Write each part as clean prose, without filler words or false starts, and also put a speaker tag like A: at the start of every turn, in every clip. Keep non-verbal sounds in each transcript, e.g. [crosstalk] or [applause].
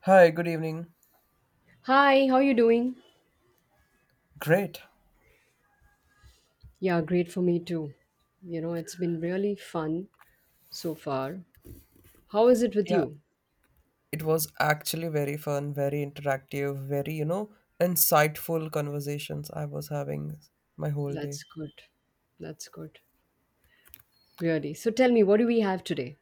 A: Hi, good evening.
B: Hi, how you doing?
A: Great.
B: Yeah, great for me too. You know, it's been really fun so far. How is it with
A: Yeah,
B: you?
A: it was actually very fun, very interactive, very, insightful conversations I was having my whole day.
B: That's good. That's good. Really. So tell me, what do we have today?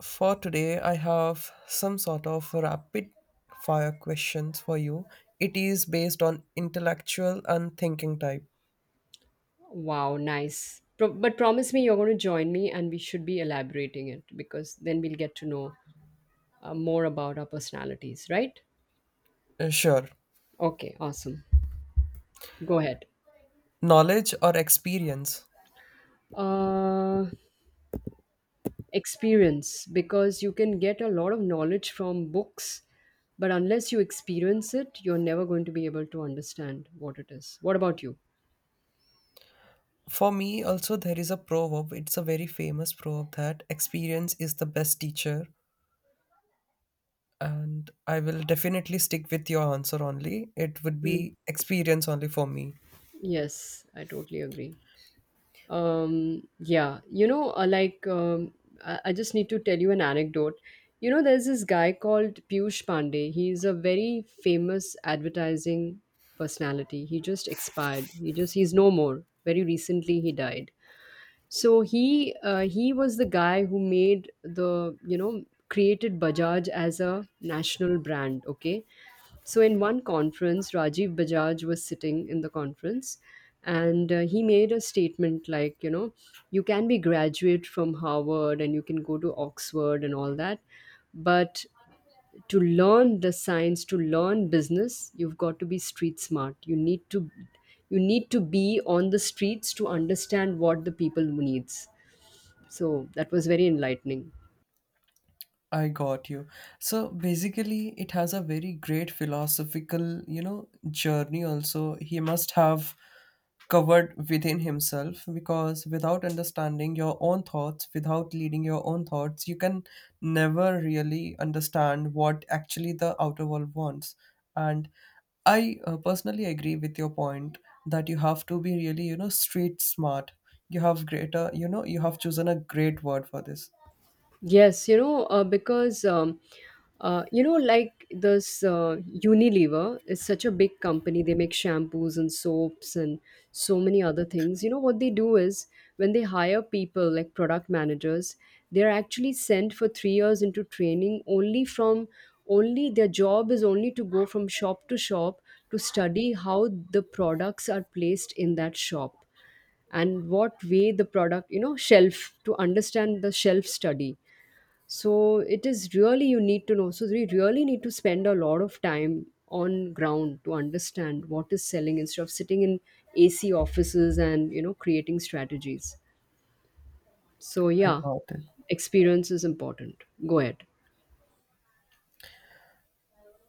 A: For today, I have some sort of rapid fire questions for you. It is based on intellectual and thinking type.
B: Wow, nice. But promise me you're going to join me and we should be elaborating it because then we'll get to know more about our personalities, right?
A: Sure.
B: Okay, awesome. Go ahead.
A: Knowledge or experience?
B: Uh, Experience, because you can get a lot of knowledge from books but unless you experience it you're never going to be able to understand what it is. What about you?
A: For me, also, there is a proverb. It's a very famous proverb that experience is the best teacher, and I will definitely stick with your answer only. It would
B: Mm.
A: be experience only for me.
B: Yes, I totally agree. Yeah, you know, like I just need to tell you an anecdote. You know, there's this guy called Piyush Pandey. He's a very famous advertising personality. He just expired. He's no more. Very recently, he died. So he was the guy who made, the you know, created Bajaj as a national brand. Okay, so in one conference, Rajiv Bajaj was sitting in the conference, and he made a statement like, you know, you can be graduate from Harvard and you can go to Oxford and all that, but to learn the science, to learn business, you've got to be street smart. You need to be on the streets to understand what the people needs. So that was very enlightening.
A: I got you. So basically, it has a very great philosophical, journey also. He must have covered within himself because without understanding your own thoughts, without leading your own thoughts, you can never really understand what actually the outer world wants. And I personally agree with your point that you have to be really, street smart. You have greater, you know, you have chosen a great word for this.
B: Yes, you know, because you know, like this Unilever is such a big company. They make shampoos and soaps and so many other things. You know, what they do is when they hire people like product managers, they're actually sent for 3 years into training. Only their job is only to go from shop to shop to study how the products are placed in that shop and what way the product, you know, shelf, to understand the shelf study. So it is really, you need to know, so we really need to spend a lot of time on ground to understand what is selling instead of sitting in AC offices and, you know, creating strategies. So
A: I
B: yeah,
A: got it.
B: experience is important. Go ahead.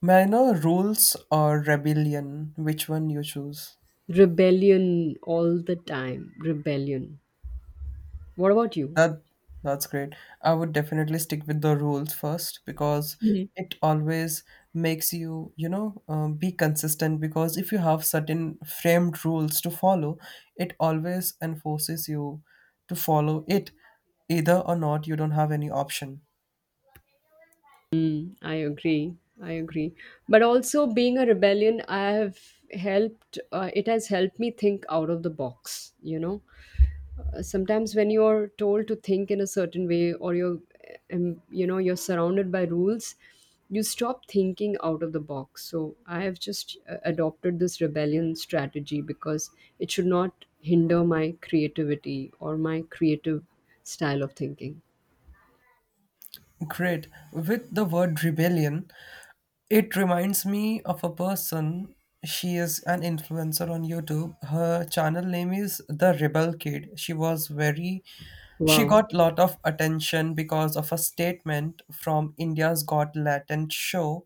A: May I know, rules or rebellion? Which one you choose?
B: Rebellion, all the time, rebellion. What about you?
A: That that's great. I would definitely stick with the rules first because it always makes you, be consistent. Because if you have certain framed rules to follow, it always enforces you to follow it, either or not. You don't have any option.
B: Mm, I agree. I agree. But also, being a rebellion, I have helped, it has helped me think out of the box. You know, sometimes when you're told to think in a certain way, um, you know, you're surrounded by rules, you stop thinking out of the box. So I have just adopted this rebellion strategy because it should not hinder my creativity or my creative style of thinking.
A: Great. With the word rebellion, it reminds me of a person. She is an influencer on YouTube. Her channel name is The Rebel Kid. She was very, she
B: Wow.
A: got lot of attention because of a statement from India's Got Latent show.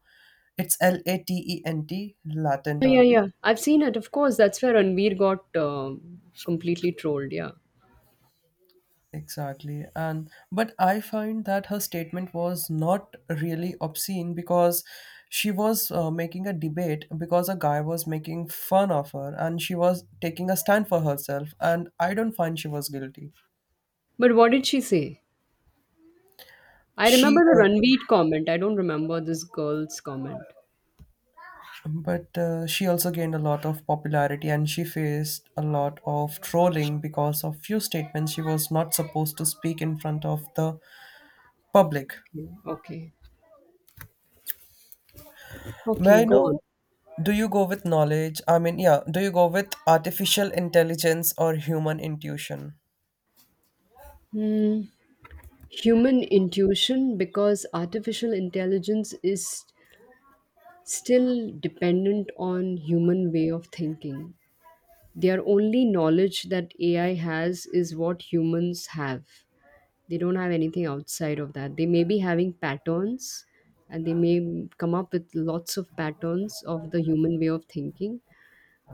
A: It's LATENT, latent
B: Yeah, yeah,
A: only.
B: yeah. I've seen it. Of course, that's where Ranveer got completely trolled. Yeah.
A: Exactly. And but I find that her statement was not really obscene because she was making a debate because a guy was making fun of her and she was taking a stand for herself, and I don't find she was guilty.
B: But what did she say? I remember
A: She
B: the
A: uh,
B: Ranveer comment. I don't remember this girl's comment.
A: she also gained a lot of popularity and she faced a lot of trolling because of few statements she was not supposed to speak in front of the public.
B: Okay. Okay.
A: May
B: Okay,
A: I
B: go on.
A: know, do you go with knowledge? I mean, yeah, do you go with artificial intelligence or human intuition?
B: Hmm. Human intuition, because artificial intelligence is still dependent on human way of thinking. Their only knowledge that AI has is what humans have. They don't have anything outside of that. They may be having patterns and they may come up with lots of patterns of the human way of thinking,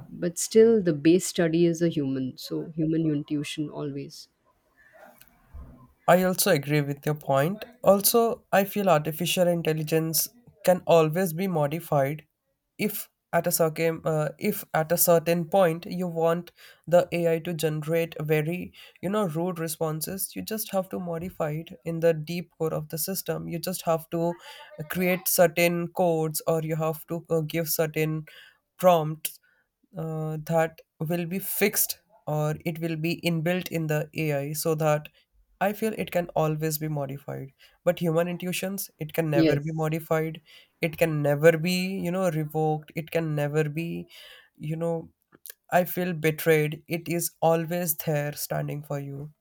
B: but still the base study is a human. So, human intuition always.
A: I also agree with your point. Also, I feel artificial intelligence can always be modified if at a certain if at a certain point you want the AI to generate very, you know, rude responses. You just have to modify it in the deep core of the system. You just have to create certain codes, or you have to give certain prompts that will be fixed or it will be inbuilt in the AI, so that I feel it can always be modified. But human intuitions, it can never be
B: Yes.
A: modified. It can never be, you know, revoked. It can never be, you know, I feel, betrayed. It is always there standing for you.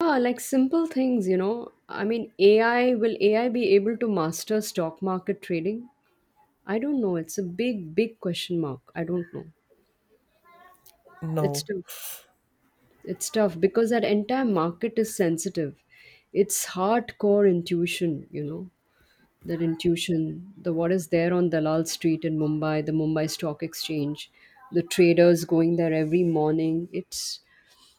B: Ah, like simple things, you know. I mean, AI be able to master stock market trading? I don't know. It's a big, big question mark. I don't know. It's
A: No,
B: tough. It's tough because that entire market is sensitive. It's hardcore intuition, you know. That intuition, the what is there on Dalal Street in Mumbai, the Mumbai Stock Exchange, the traders going there every morning. It's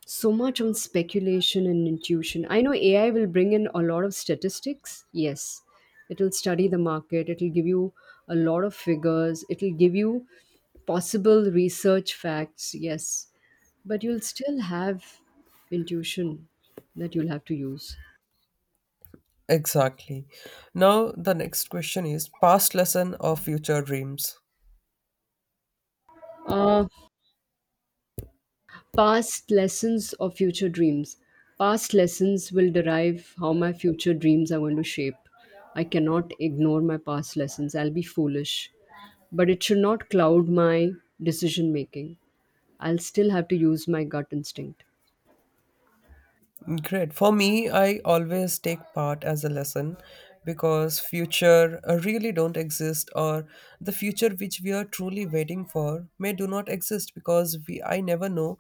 B: so much on speculation and intuition. I know AI will bring in a lot of statistics. Yes, it'll study the market, it'll give you a lot of figures, it'll give you possible research facts. Yes, but you'll still have intuition that you'll have to use.
A: exactly. Now, the next question is, past lesson or future dreams?
B: Uh, Past lessons or future dreams? Past lessons will derive how my future dreams are going to shape. I cannot ignore my past lessons. I'll be foolish. But it should not cloud my decision making. I'll still have to use my gut instinct.
A: Great. For me, I always take part as a lesson because future really don't exist, or the future which we are truly waiting for may do not exist because we, I never know,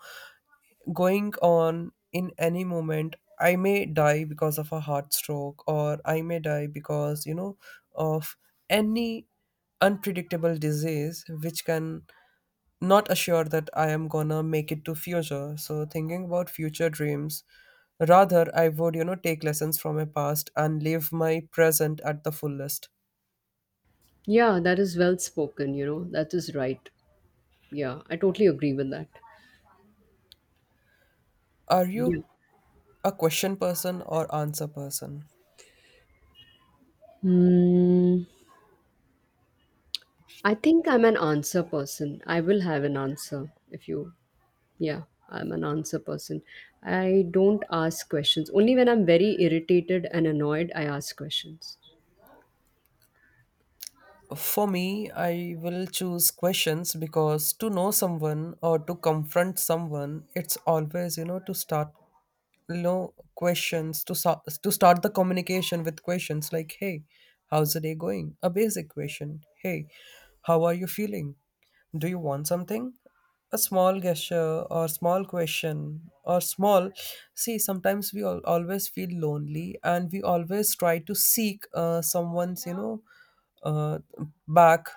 A: going on in any moment I may die because of a heart stroke, or I may die because, you know, of any unpredictable disease which can not assured that I am gonna make it to future. So thinking about future dreams, rather I would, you know, take lessons from my past and live my present at the fullest.
B: Yeah, that is well spoken, you know. That is right. Yeah, I totally agree with that.
A: Are you
B: Yeah.
A: a question person or answer person?
B: Hmm. I think I'm an answer person. I will have an answer if you. Yeah, I'm an answer person. I don't ask questions. Only when I'm very irritated and annoyed, I ask questions.
A: For me, I will choose questions because to know someone or to confront someone, it's always, you know, to start, you know, questions to to start the communication with questions like, hey, how's the day going, a basic question, hey, how are you feeling, do you want something, a small gesture or small question or small, see, sometimes we all, always feel lonely, and we always try to seek someone's, you know, uh, back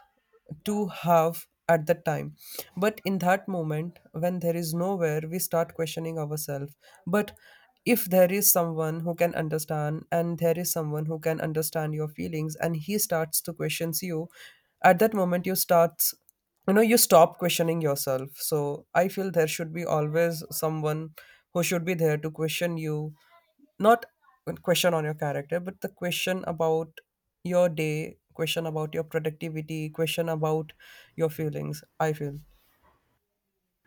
A: to have at the time. But in that moment when there is nowhere, we start questioning ourselves. But if there is someone who can understand, and there is someone who can understand your feelings and he starts to question you at that moment, you starts, you know, you stop questioning yourself. So I feel there should be always someone who should be there to question you, not a question on your character, but the question about your day, question about your productivity, question about your feelings, I feel.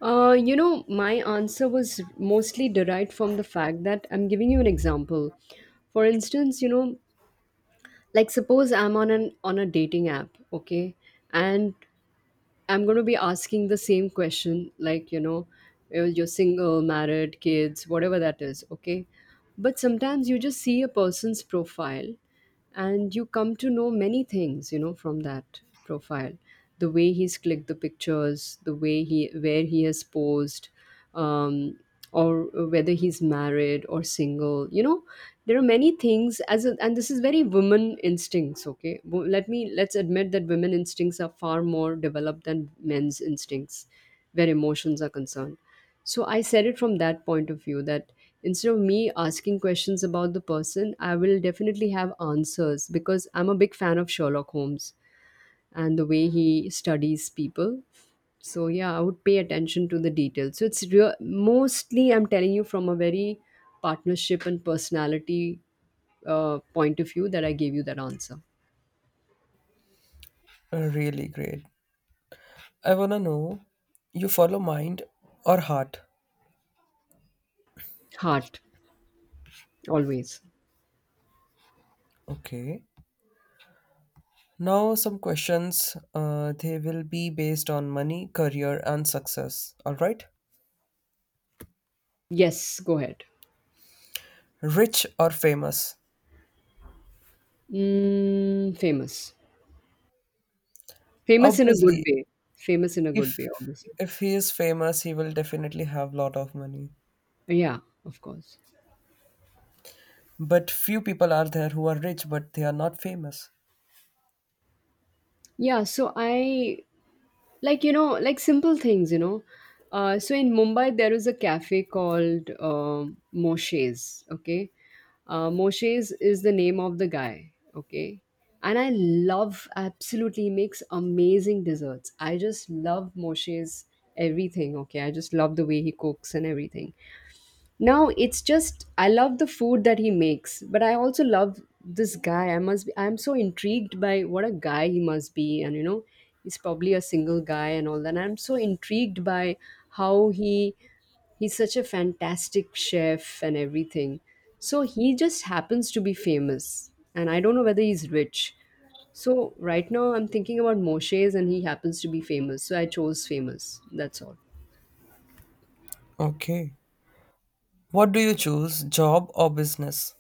B: You know, my answer was mostly derived from the fact that I'm giving you an example. For instance, you know, like suppose I'm on an on a dating app, okay, and I'm going to be asking the same question, like, you know, you're single, married, kids, whatever that is, okay. But sometimes you just see a person's profile and you come to know many things, you know, from that profile, the way he's clicked the pictures, the way he, where he has posed, um, or whether he's married or single, you know, there are many things as a, and this is very woman instincts, okay. Let me, let's admit that women instincts are far more developed than men's instincts where emotions are concerned. So I said it from that point of view that instead of me asking questions about the person, I will definitely have answers because I'm a big fan of Sherlock Holmes and the way he studies people. So yeah, I would pay attention to the details. So it's real, mostly I'm telling you from a very partnership and personality point of view that I gave you that answer.
A: Really great. I want to know, you follow mind or heart?
B: Heart, always.
A: Okay, now some questions they will be based on money, career and success. All right.
B: Yes, go ahead.
A: Rich or famous?
B: Mm, famous. Famous in a good
A: Obviously,
B: way. Famous in a
A: if
B: good way, obviously.
A: if he is famous he will definitely have lot of money.
B: Yeah, of course.
A: But few people are there who are rich but they are not famous.
B: Yeah, so I, like, you know, like simple things, you know. So in Mumbai, there is a cafe called Moshe's, okay? Moshe's is the name of the guy, okay? And I love, absolutely makes amazing desserts. I just love Moshe's everything, okay? I just love the way he cooks and everything. Now it's just I love the food that he makes, but I also love this guy. I must be I'm so intrigued by what a guy he must be and, you know, he's probably a single guy and all that. And I'm so intrigued by how he he's such a fantastic chef and everything. So he just happens to be famous and I don't know whether he's rich. So right now I'm thinking about Moshe's and he happens to be famous. So I chose famous. That's all.
A: Okay. What do you choose, job or business?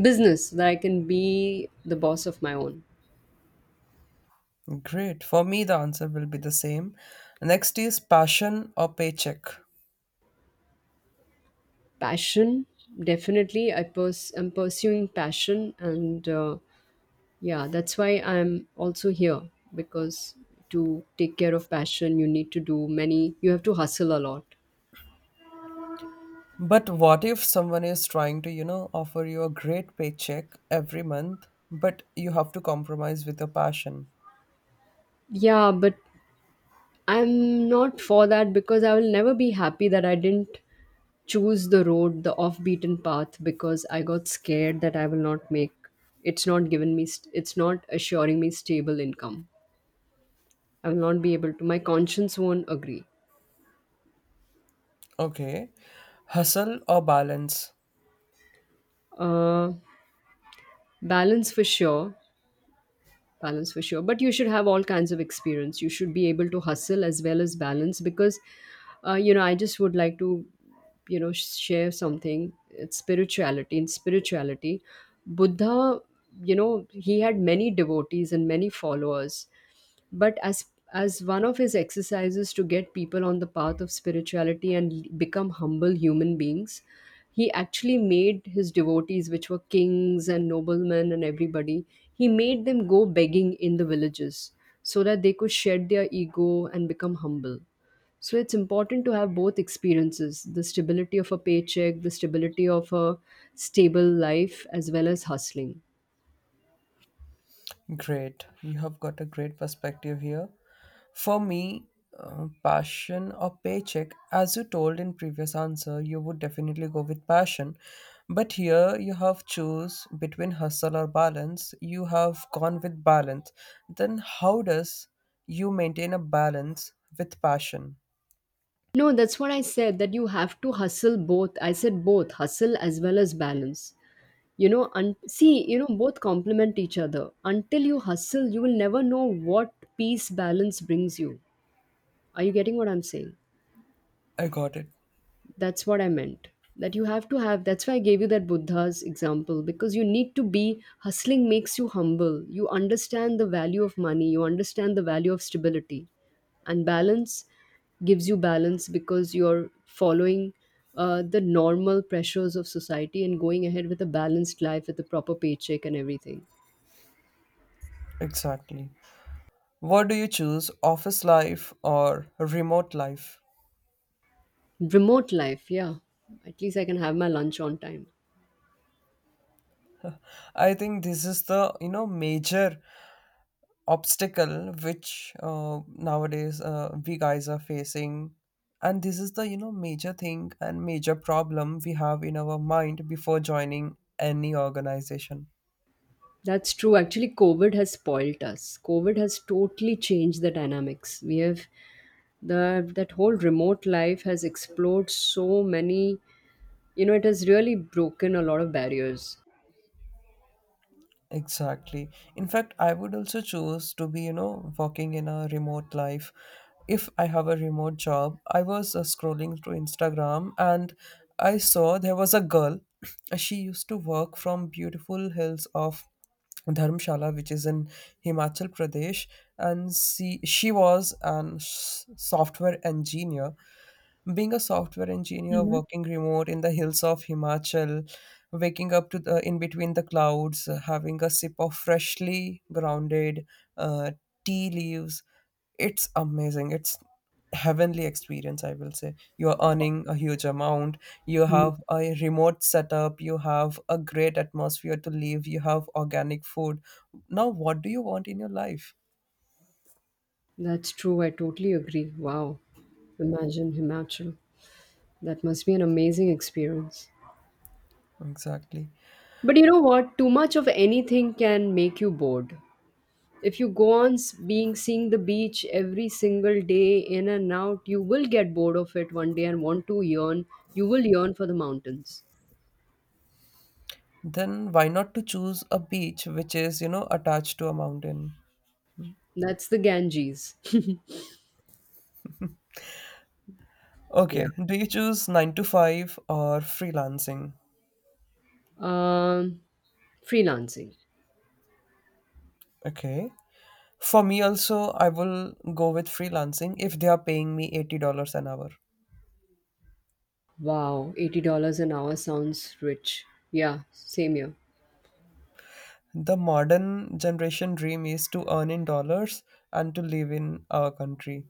B: Business, that I can be the boss of my own.
A: Great. For me, the answer will be the same. Next is passion or paycheck.
B: Passion, definitely. I'm pursuing passion, and yeah, that's why I'm also here, because to take care of passion you need to do many, you have to hustle a lot.
A: But what if someone is trying to, you know, offer you a great paycheck every month, but you have to compromise with your passion?
B: Yeah, but I'm not for that because I will never be happy that I didn't choose the road, the off beaten path, because I got scared that I will not make, it's not assuring me stable income. I will not be able to, my conscience won't agree.
A: Okay. Hustle or balance?
B: uh Balance for sure. Balance for sure. But you should have all kinds of experience. You should be able to hustle as well as balance because, you know, I just would like to, you know, share something. It's spirituality. In spirituality, Buddha, you know, he had many devotees and many followers, but as one of his exercises to get people on the path of spirituality and become humble human beings, he actually made his devotees, which were kings and noblemen and everybody, he made them go begging in the villages so that they could shed their ego and become humble. So it's important to have both experiences, the stability of a paycheck, the stability of a stable life, as well as hustling.
A: Great. You have got a great perspective here. For me, passion or paycheck, as you told in previous answer, you would definitely go with passion. But here you have choose between hustle or balance. You have gone with balance. Then how does you maintain a balance with passion?
B: No, that's what I said, that you have to hustle both. I said both hustle as well as balance. You know, and see, you know, both complement each other. Until you hustle, you will never know what peace balance brings you. Are you getting what I'm saying?
A: I got it.
B: That's what I meant, that you have to have, that's why I gave you that Buddha's example, because you need to be hustling, makes you humble, you understand the value of money, you understand the value of stability. And balance gives you balance because you're following the normal pressures of society and going ahead with a balanced life with a proper paycheck and everything.
A: Exactly. What do you choose, office life or remote life?
B: Remote life, yeah, at least I can have my lunch on time.
A: I think this is the, you know, major obstacle which nowadays we guys are facing, and this is the, you know, major thing and major problem we have in our mind before joining any organization.
B: That's true. Actually, COVID has spoiled us. COVID has totally changed the dynamics. We have the that whole remote life has explored so many. You know, it has really broken a lot of barriers.
A: Exactly. In fact, I would also choose to be, you know, working in a remote life. If I have a remote job, I was scrolling through Instagram and I saw there was a girl. [clears throat] She used to work from beautiful hills of Dharamshala, which is in Himachal Pradesh, and she was an software engineer. Being a software engineer
B: Hmm.
A: working remote in the hills of Himachal, waking up to the in between the clouds, having a sip of freshly grounded uh, tea leaves, it's amazing. It's heavenly experience, I will say. You're earning a huge amount, you
B: Mm.
A: have a remote setup, you have a great atmosphere to live, you have organic food. Now what do you want in your life?
B: That's true. I totally agree. Wow. Imagine Himachal. That must be an amazing experience.
A: Exactly.
B: But you know what? Too much of anything can make you bored. If you go on being seeing the beach every single day in and out, you will get bored of it one day and want to yearn. You will yearn for the mountains.
A: Then why not to choose a beach which is, you know, attached to a mountain?
B: That's the Ganges. [laughs] Yeah.
A: Okay, do you choose 9 to 5 or freelancing?
B: um Freelancing.
A: Okay. For me also, I will go with freelancing if they are paying me $80 an hour.
B: Wow, $80 an hour sounds rich. Yeah, same here.
A: The modern generation dream is to earn in dollars and to live in our country.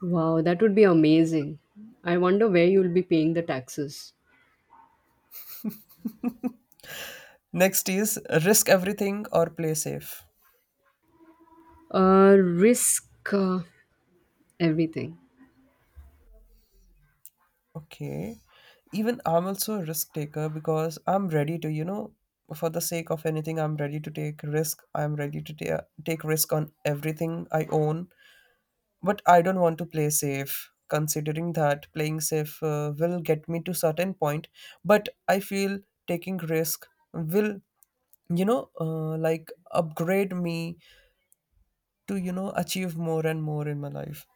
B: Wow, that would be amazing. I wonder where you'll be paying the taxes.
A: Next is risk everything or play safe.
B: Risk uh, everything.
A: Okay. Even I'm also a risk taker because I'm ready to, you know, for the sake of anything, I'm ready to take risk. I'm ready to take risk on everything I own. But I don't want to play safe, considering that playing safe will get me to certain point. But I feel taking risk will, you know, like upgrade me to, you know, achieve more and more in my life.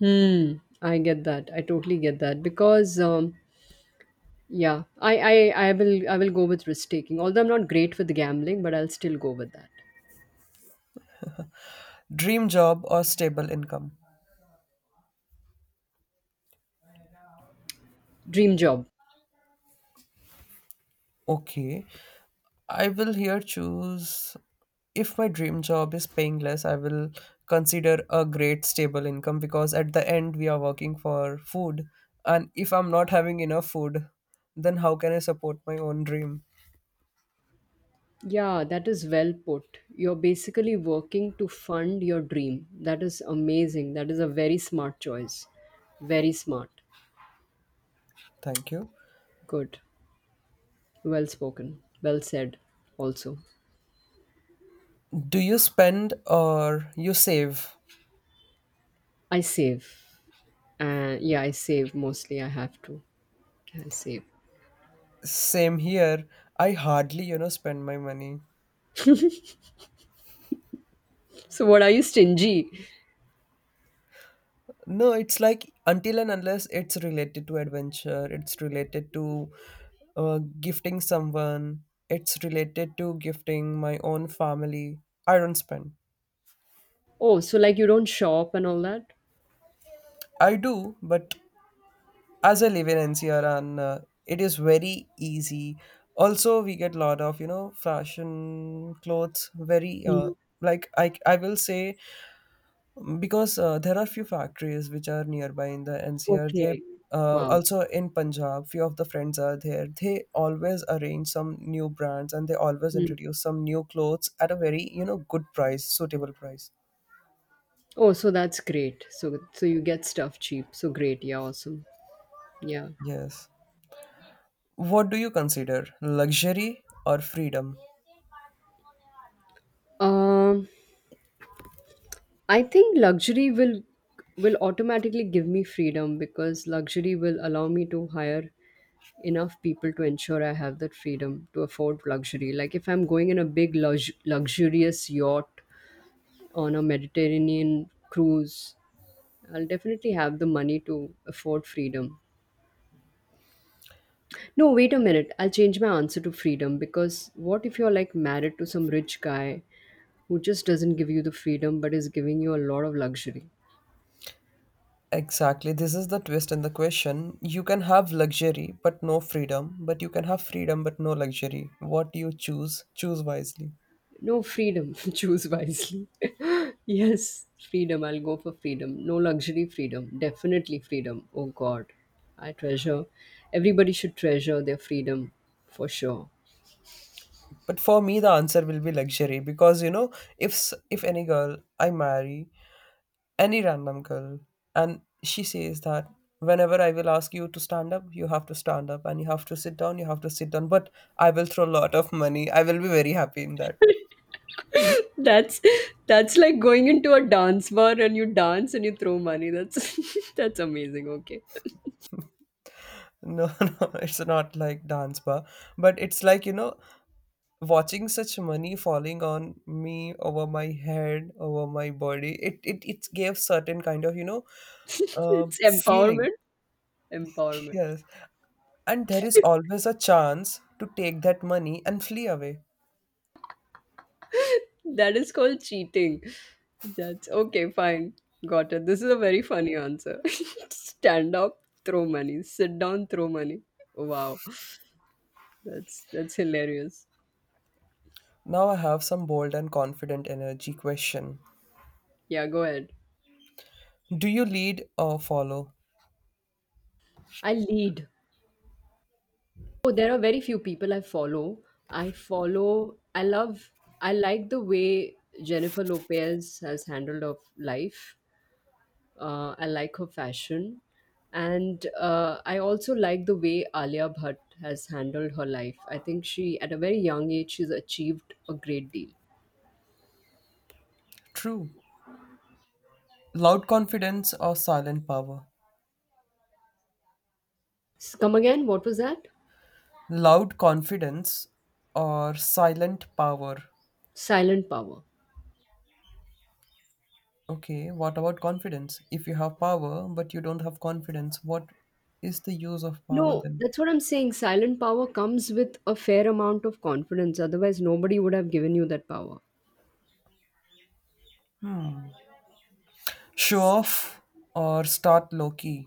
B: Hmm, I get that. I totally get that, because yeah, I will go with risk taking. Although I'm not great with gambling, but I'll still go with that.
A: Dream job or stable income.
B: Dream job.
A: Okay. I will here choose, if my dream job is paying less, I will consider a great stable income because at the end we are working for food. And if I'm not having enough food, then how can I support my own dream?
B: Yeah, that is well put. You're basically working to fund your dream. That is amazing. That is a very smart choice. Very smart.
A: Thank you.
B: Good. Well spoken. Well said also.
A: Do you spend or you save?
B: I save. Yeah, I save mostly. I have to. I save.
A: Same here. I hardly, you know, spend my money.
B: So what, are you stingy?
A: No, it's like until and unless it's related to adventure, it's related to gifting someone, it's related to gifting my own family. I don't spend.
B: Oh, so like you don't shop and all that?
A: I do, but as I live in NCR and it is very easy. Also, we get lot of, you know, fashion clothes. Very
B: Mhm.
A: like, I will say because there are few factories which are nearby in the NCR. They
B: Okay. Wow.
A: also in Punjab, few of the friends are there. They always arrange some new brands and they always introduce some new clothes at a very, you know, good price, suitable price.
B: Oh, so that's great. So you get stuff cheap. So great. Yeah, awesome. Yeah.
A: Yes. What do you consider, luxury or freedom?
B: Um I think luxury will automatically give me freedom, because luxury will allow me to hire enough people to ensure I have that freedom to afford luxury. Like if I'm going in a big luxurious yacht on a Mediterranean cruise, I'll definitely have the money to afford freedom. No, wait a minute. I'll change my answer to freedom, because what if you're like married to some rich guy who just doesn't give you the freedom but is giving you a lot of luxury.
A: Exactly. This is the twist in the question. You can have luxury but no freedom, but you can have freedom but no luxury. What do you choose? Choose wisely.
B: No freedom, [laughs] choose wisely. [laughs] Yes, freedom, I'll go for freedom. No luxury, freedom. Definitely freedom. Oh God, I treasure. Everybody should treasure their freedom for sure.
A: But for me, the answer will be luxury because, you know, if if any girl I marry, any random girl, and she says that whenever I will ask you to stand up, you have to stand up, and you have to sit down, you have to sit down. But I will throw a lot of money. I will be very happy in that.
B: That's like going into a dance bar and you dance and you throw money. That's [laughs] that's amazing. Okay,
A: No, [laughs] no, it's not like dance bar, but it's like, you know, watching such money falling on me over my head, over my body. It gave certain kind of, you know,
B: [laughs]
A: um,
B: it's
A: feeling.
B: empowerment.
A: [laughs]
B: Empowerment.
A: Yes, and there is always a chance to take that money and flee away.
B: That is called cheating. That's okay, fine. Got it. This is a very funny answer. [laughs] Stand up, throw money. Sit down, throw money. Wow. That's hilarious.
A: Now I have some bold and confident energy question.
B: Yeah, go ahead.
A: Do you lead or follow?
B: I lead. Oh, there are very few people I follow. I love. I like the way Jennifer Lopez has handled of life. I like her fashion. And I also like the way Alia Bhatt has handled her life. I think she, at a very young age, she's achieved a great deal.
A: True. Loud confidence or silent power?
B: Come again, what was that?
A: Loud confidence or silent power?
B: Silent power.
A: Okay, what about confidence? If you have power but you don't have confidence, what is the use of power
B: No,
A: then?
B: that's what I'm saying. Silent power comes with a fair amount of confidence. Otherwise, nobody would have given you that power.
A: Show off or start low key?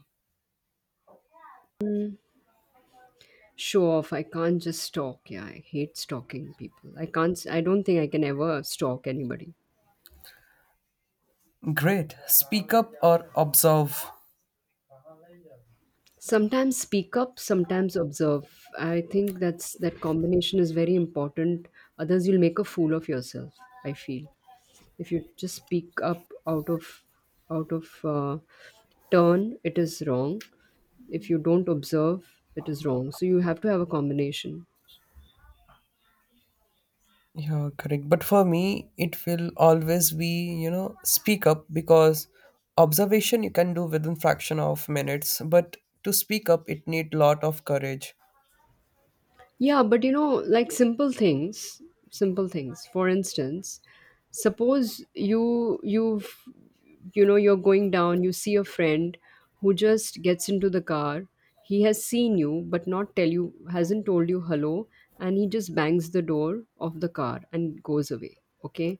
B: Show off. I can't just stalk. Yeah, I hate stalking people. I don't think I can ever stalk anybody.
A: Great. Speak up or observe?
B: Sometimes speak up, sometimes observe. I think that's that combination is very important. Others, you'll make a fool of yourself, I feel. If you just speak up out of turn, it is wrong. If you don't observe, it is wrong. So you have to have a combination.
A: Yeah, correct. But for me, it will always be, you know, speak up because observation you can do within fraction of minutes, but to speak up, it need lot of courage.
B: Yeah, but you know, like simple things, simple things. For instance, suppose you've you know you're going down, you see a friend who just gets into the car. He has seen you but not tell you hasn't told you hello, and he just bangs the door of the car and goes away, okay?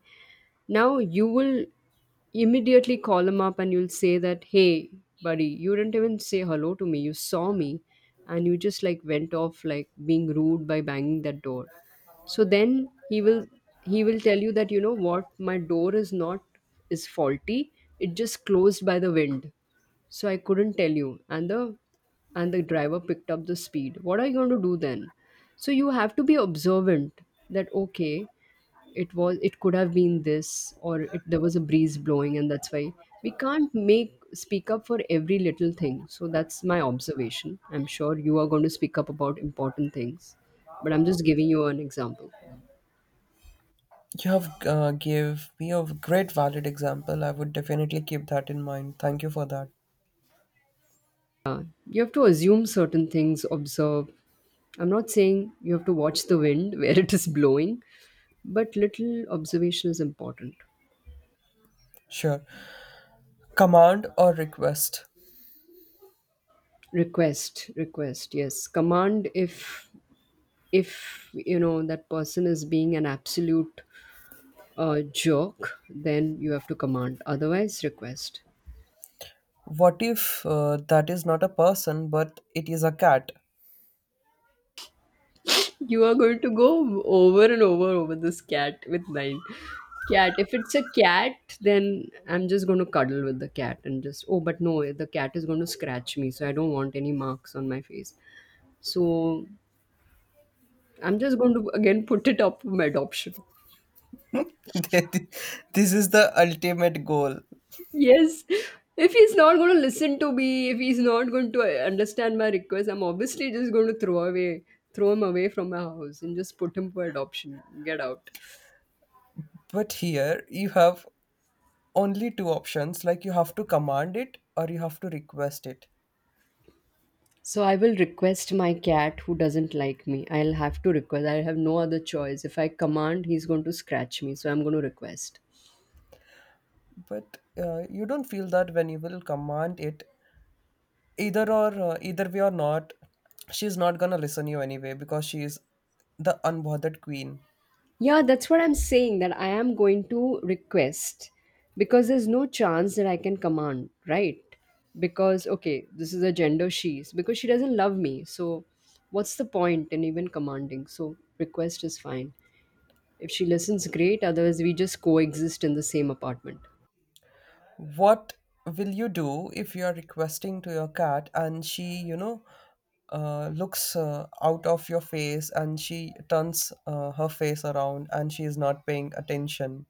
B: Now you will immediately call him up and you'll say that, hey, buddy, you didn't even say hello to me. You saw me and you just like went off, like being rude by banging that door. So then he will tell you that, you know what, my door is not is faulty, it just closed by the wind, so I couldn't tell you. And the and the driver picked up the speed. What are you going to do then? So you have to be observant. That, okay, it was, it could have been this, or it, there was a breeze blowing, and that's why we can't make speak up for every little thing. So that's my observation. I'm sure you are going to speak up about important things, but I'm just giving you an example.
A: You have give me a great valid example. I would definitely keep that in mind. Thank you for that.
B: You have to assume certain things, observe. I'm not saying you have to watch the wind [laughs] where it is blowing, but little observation is important.
A: Sure. Command or request.
B: Request. Request. Yes, command if you know that person is being an absolute a joke, then you have to command. Otherwise, request.
A: What if that is not a person, but it is a cat?
B: You are going to go over and over this cat with nine. Cat. If it's a cat, then I'm just going to cuddle with the cat and just, oh, but no, the cat is going to scratch me, so I don't want any marks on my face. So I'm just going to again put it up for my adoption.
A: [laughs] This is the ultimate goal.
B: Yes. If he's not going to listen to me, if he's not going to understand my request, I'm obviously just going to throw away, throw him away from my house and just put him for adoption. Get out.
A: But here you have only 2 options, like you have to command it or you have to request it.
B: So I will request my cat who doesn't like me. I'll have to request. I have no other choice. If I command, he's going to scratch me. So I'm going to request.
A: But you don't feel that when you will command it, either or either way or not, she's not gonna listen you anyway because she is the unbothered queen.
B: Yeah, that's what I'm saying, that I am going to request, because there's no chance that I can command, right? Because, okay, this is a gender, she's, because she doesn't love me. So what's the point in even commanding? So request is fine. If she listens, great. Otherwise, we just coexist in the same apartment.
A: What will you do if you are requesting to your cat and she, you know, looks out of your face and she turns her face around and she is not paying attention?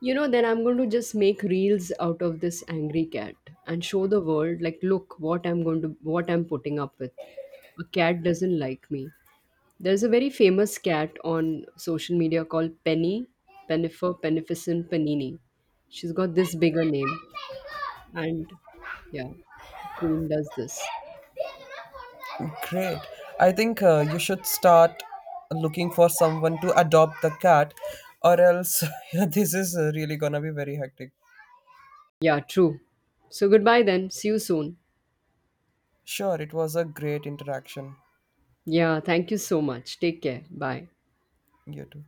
B: You know, then I'm going to just make reels out of this angry cat and show the world, like, look what I'm going to, what I'm putting up with. A cat doesn't like me. There's a very famous cat on social media called Penny, Pennifer, Penificent, Panini. She's got this bigger name. And yeah, Queen does this.
A: Great. I think you should start looking for someone to adopt the cat, or else [laughs] this is really gonna be very hectic.
B: Yeah, true. So goodbye then. See you soon.
A: Sure, it was a great interaction.
B: Yeah, thank you so much. Take care. Bye.
A: You too.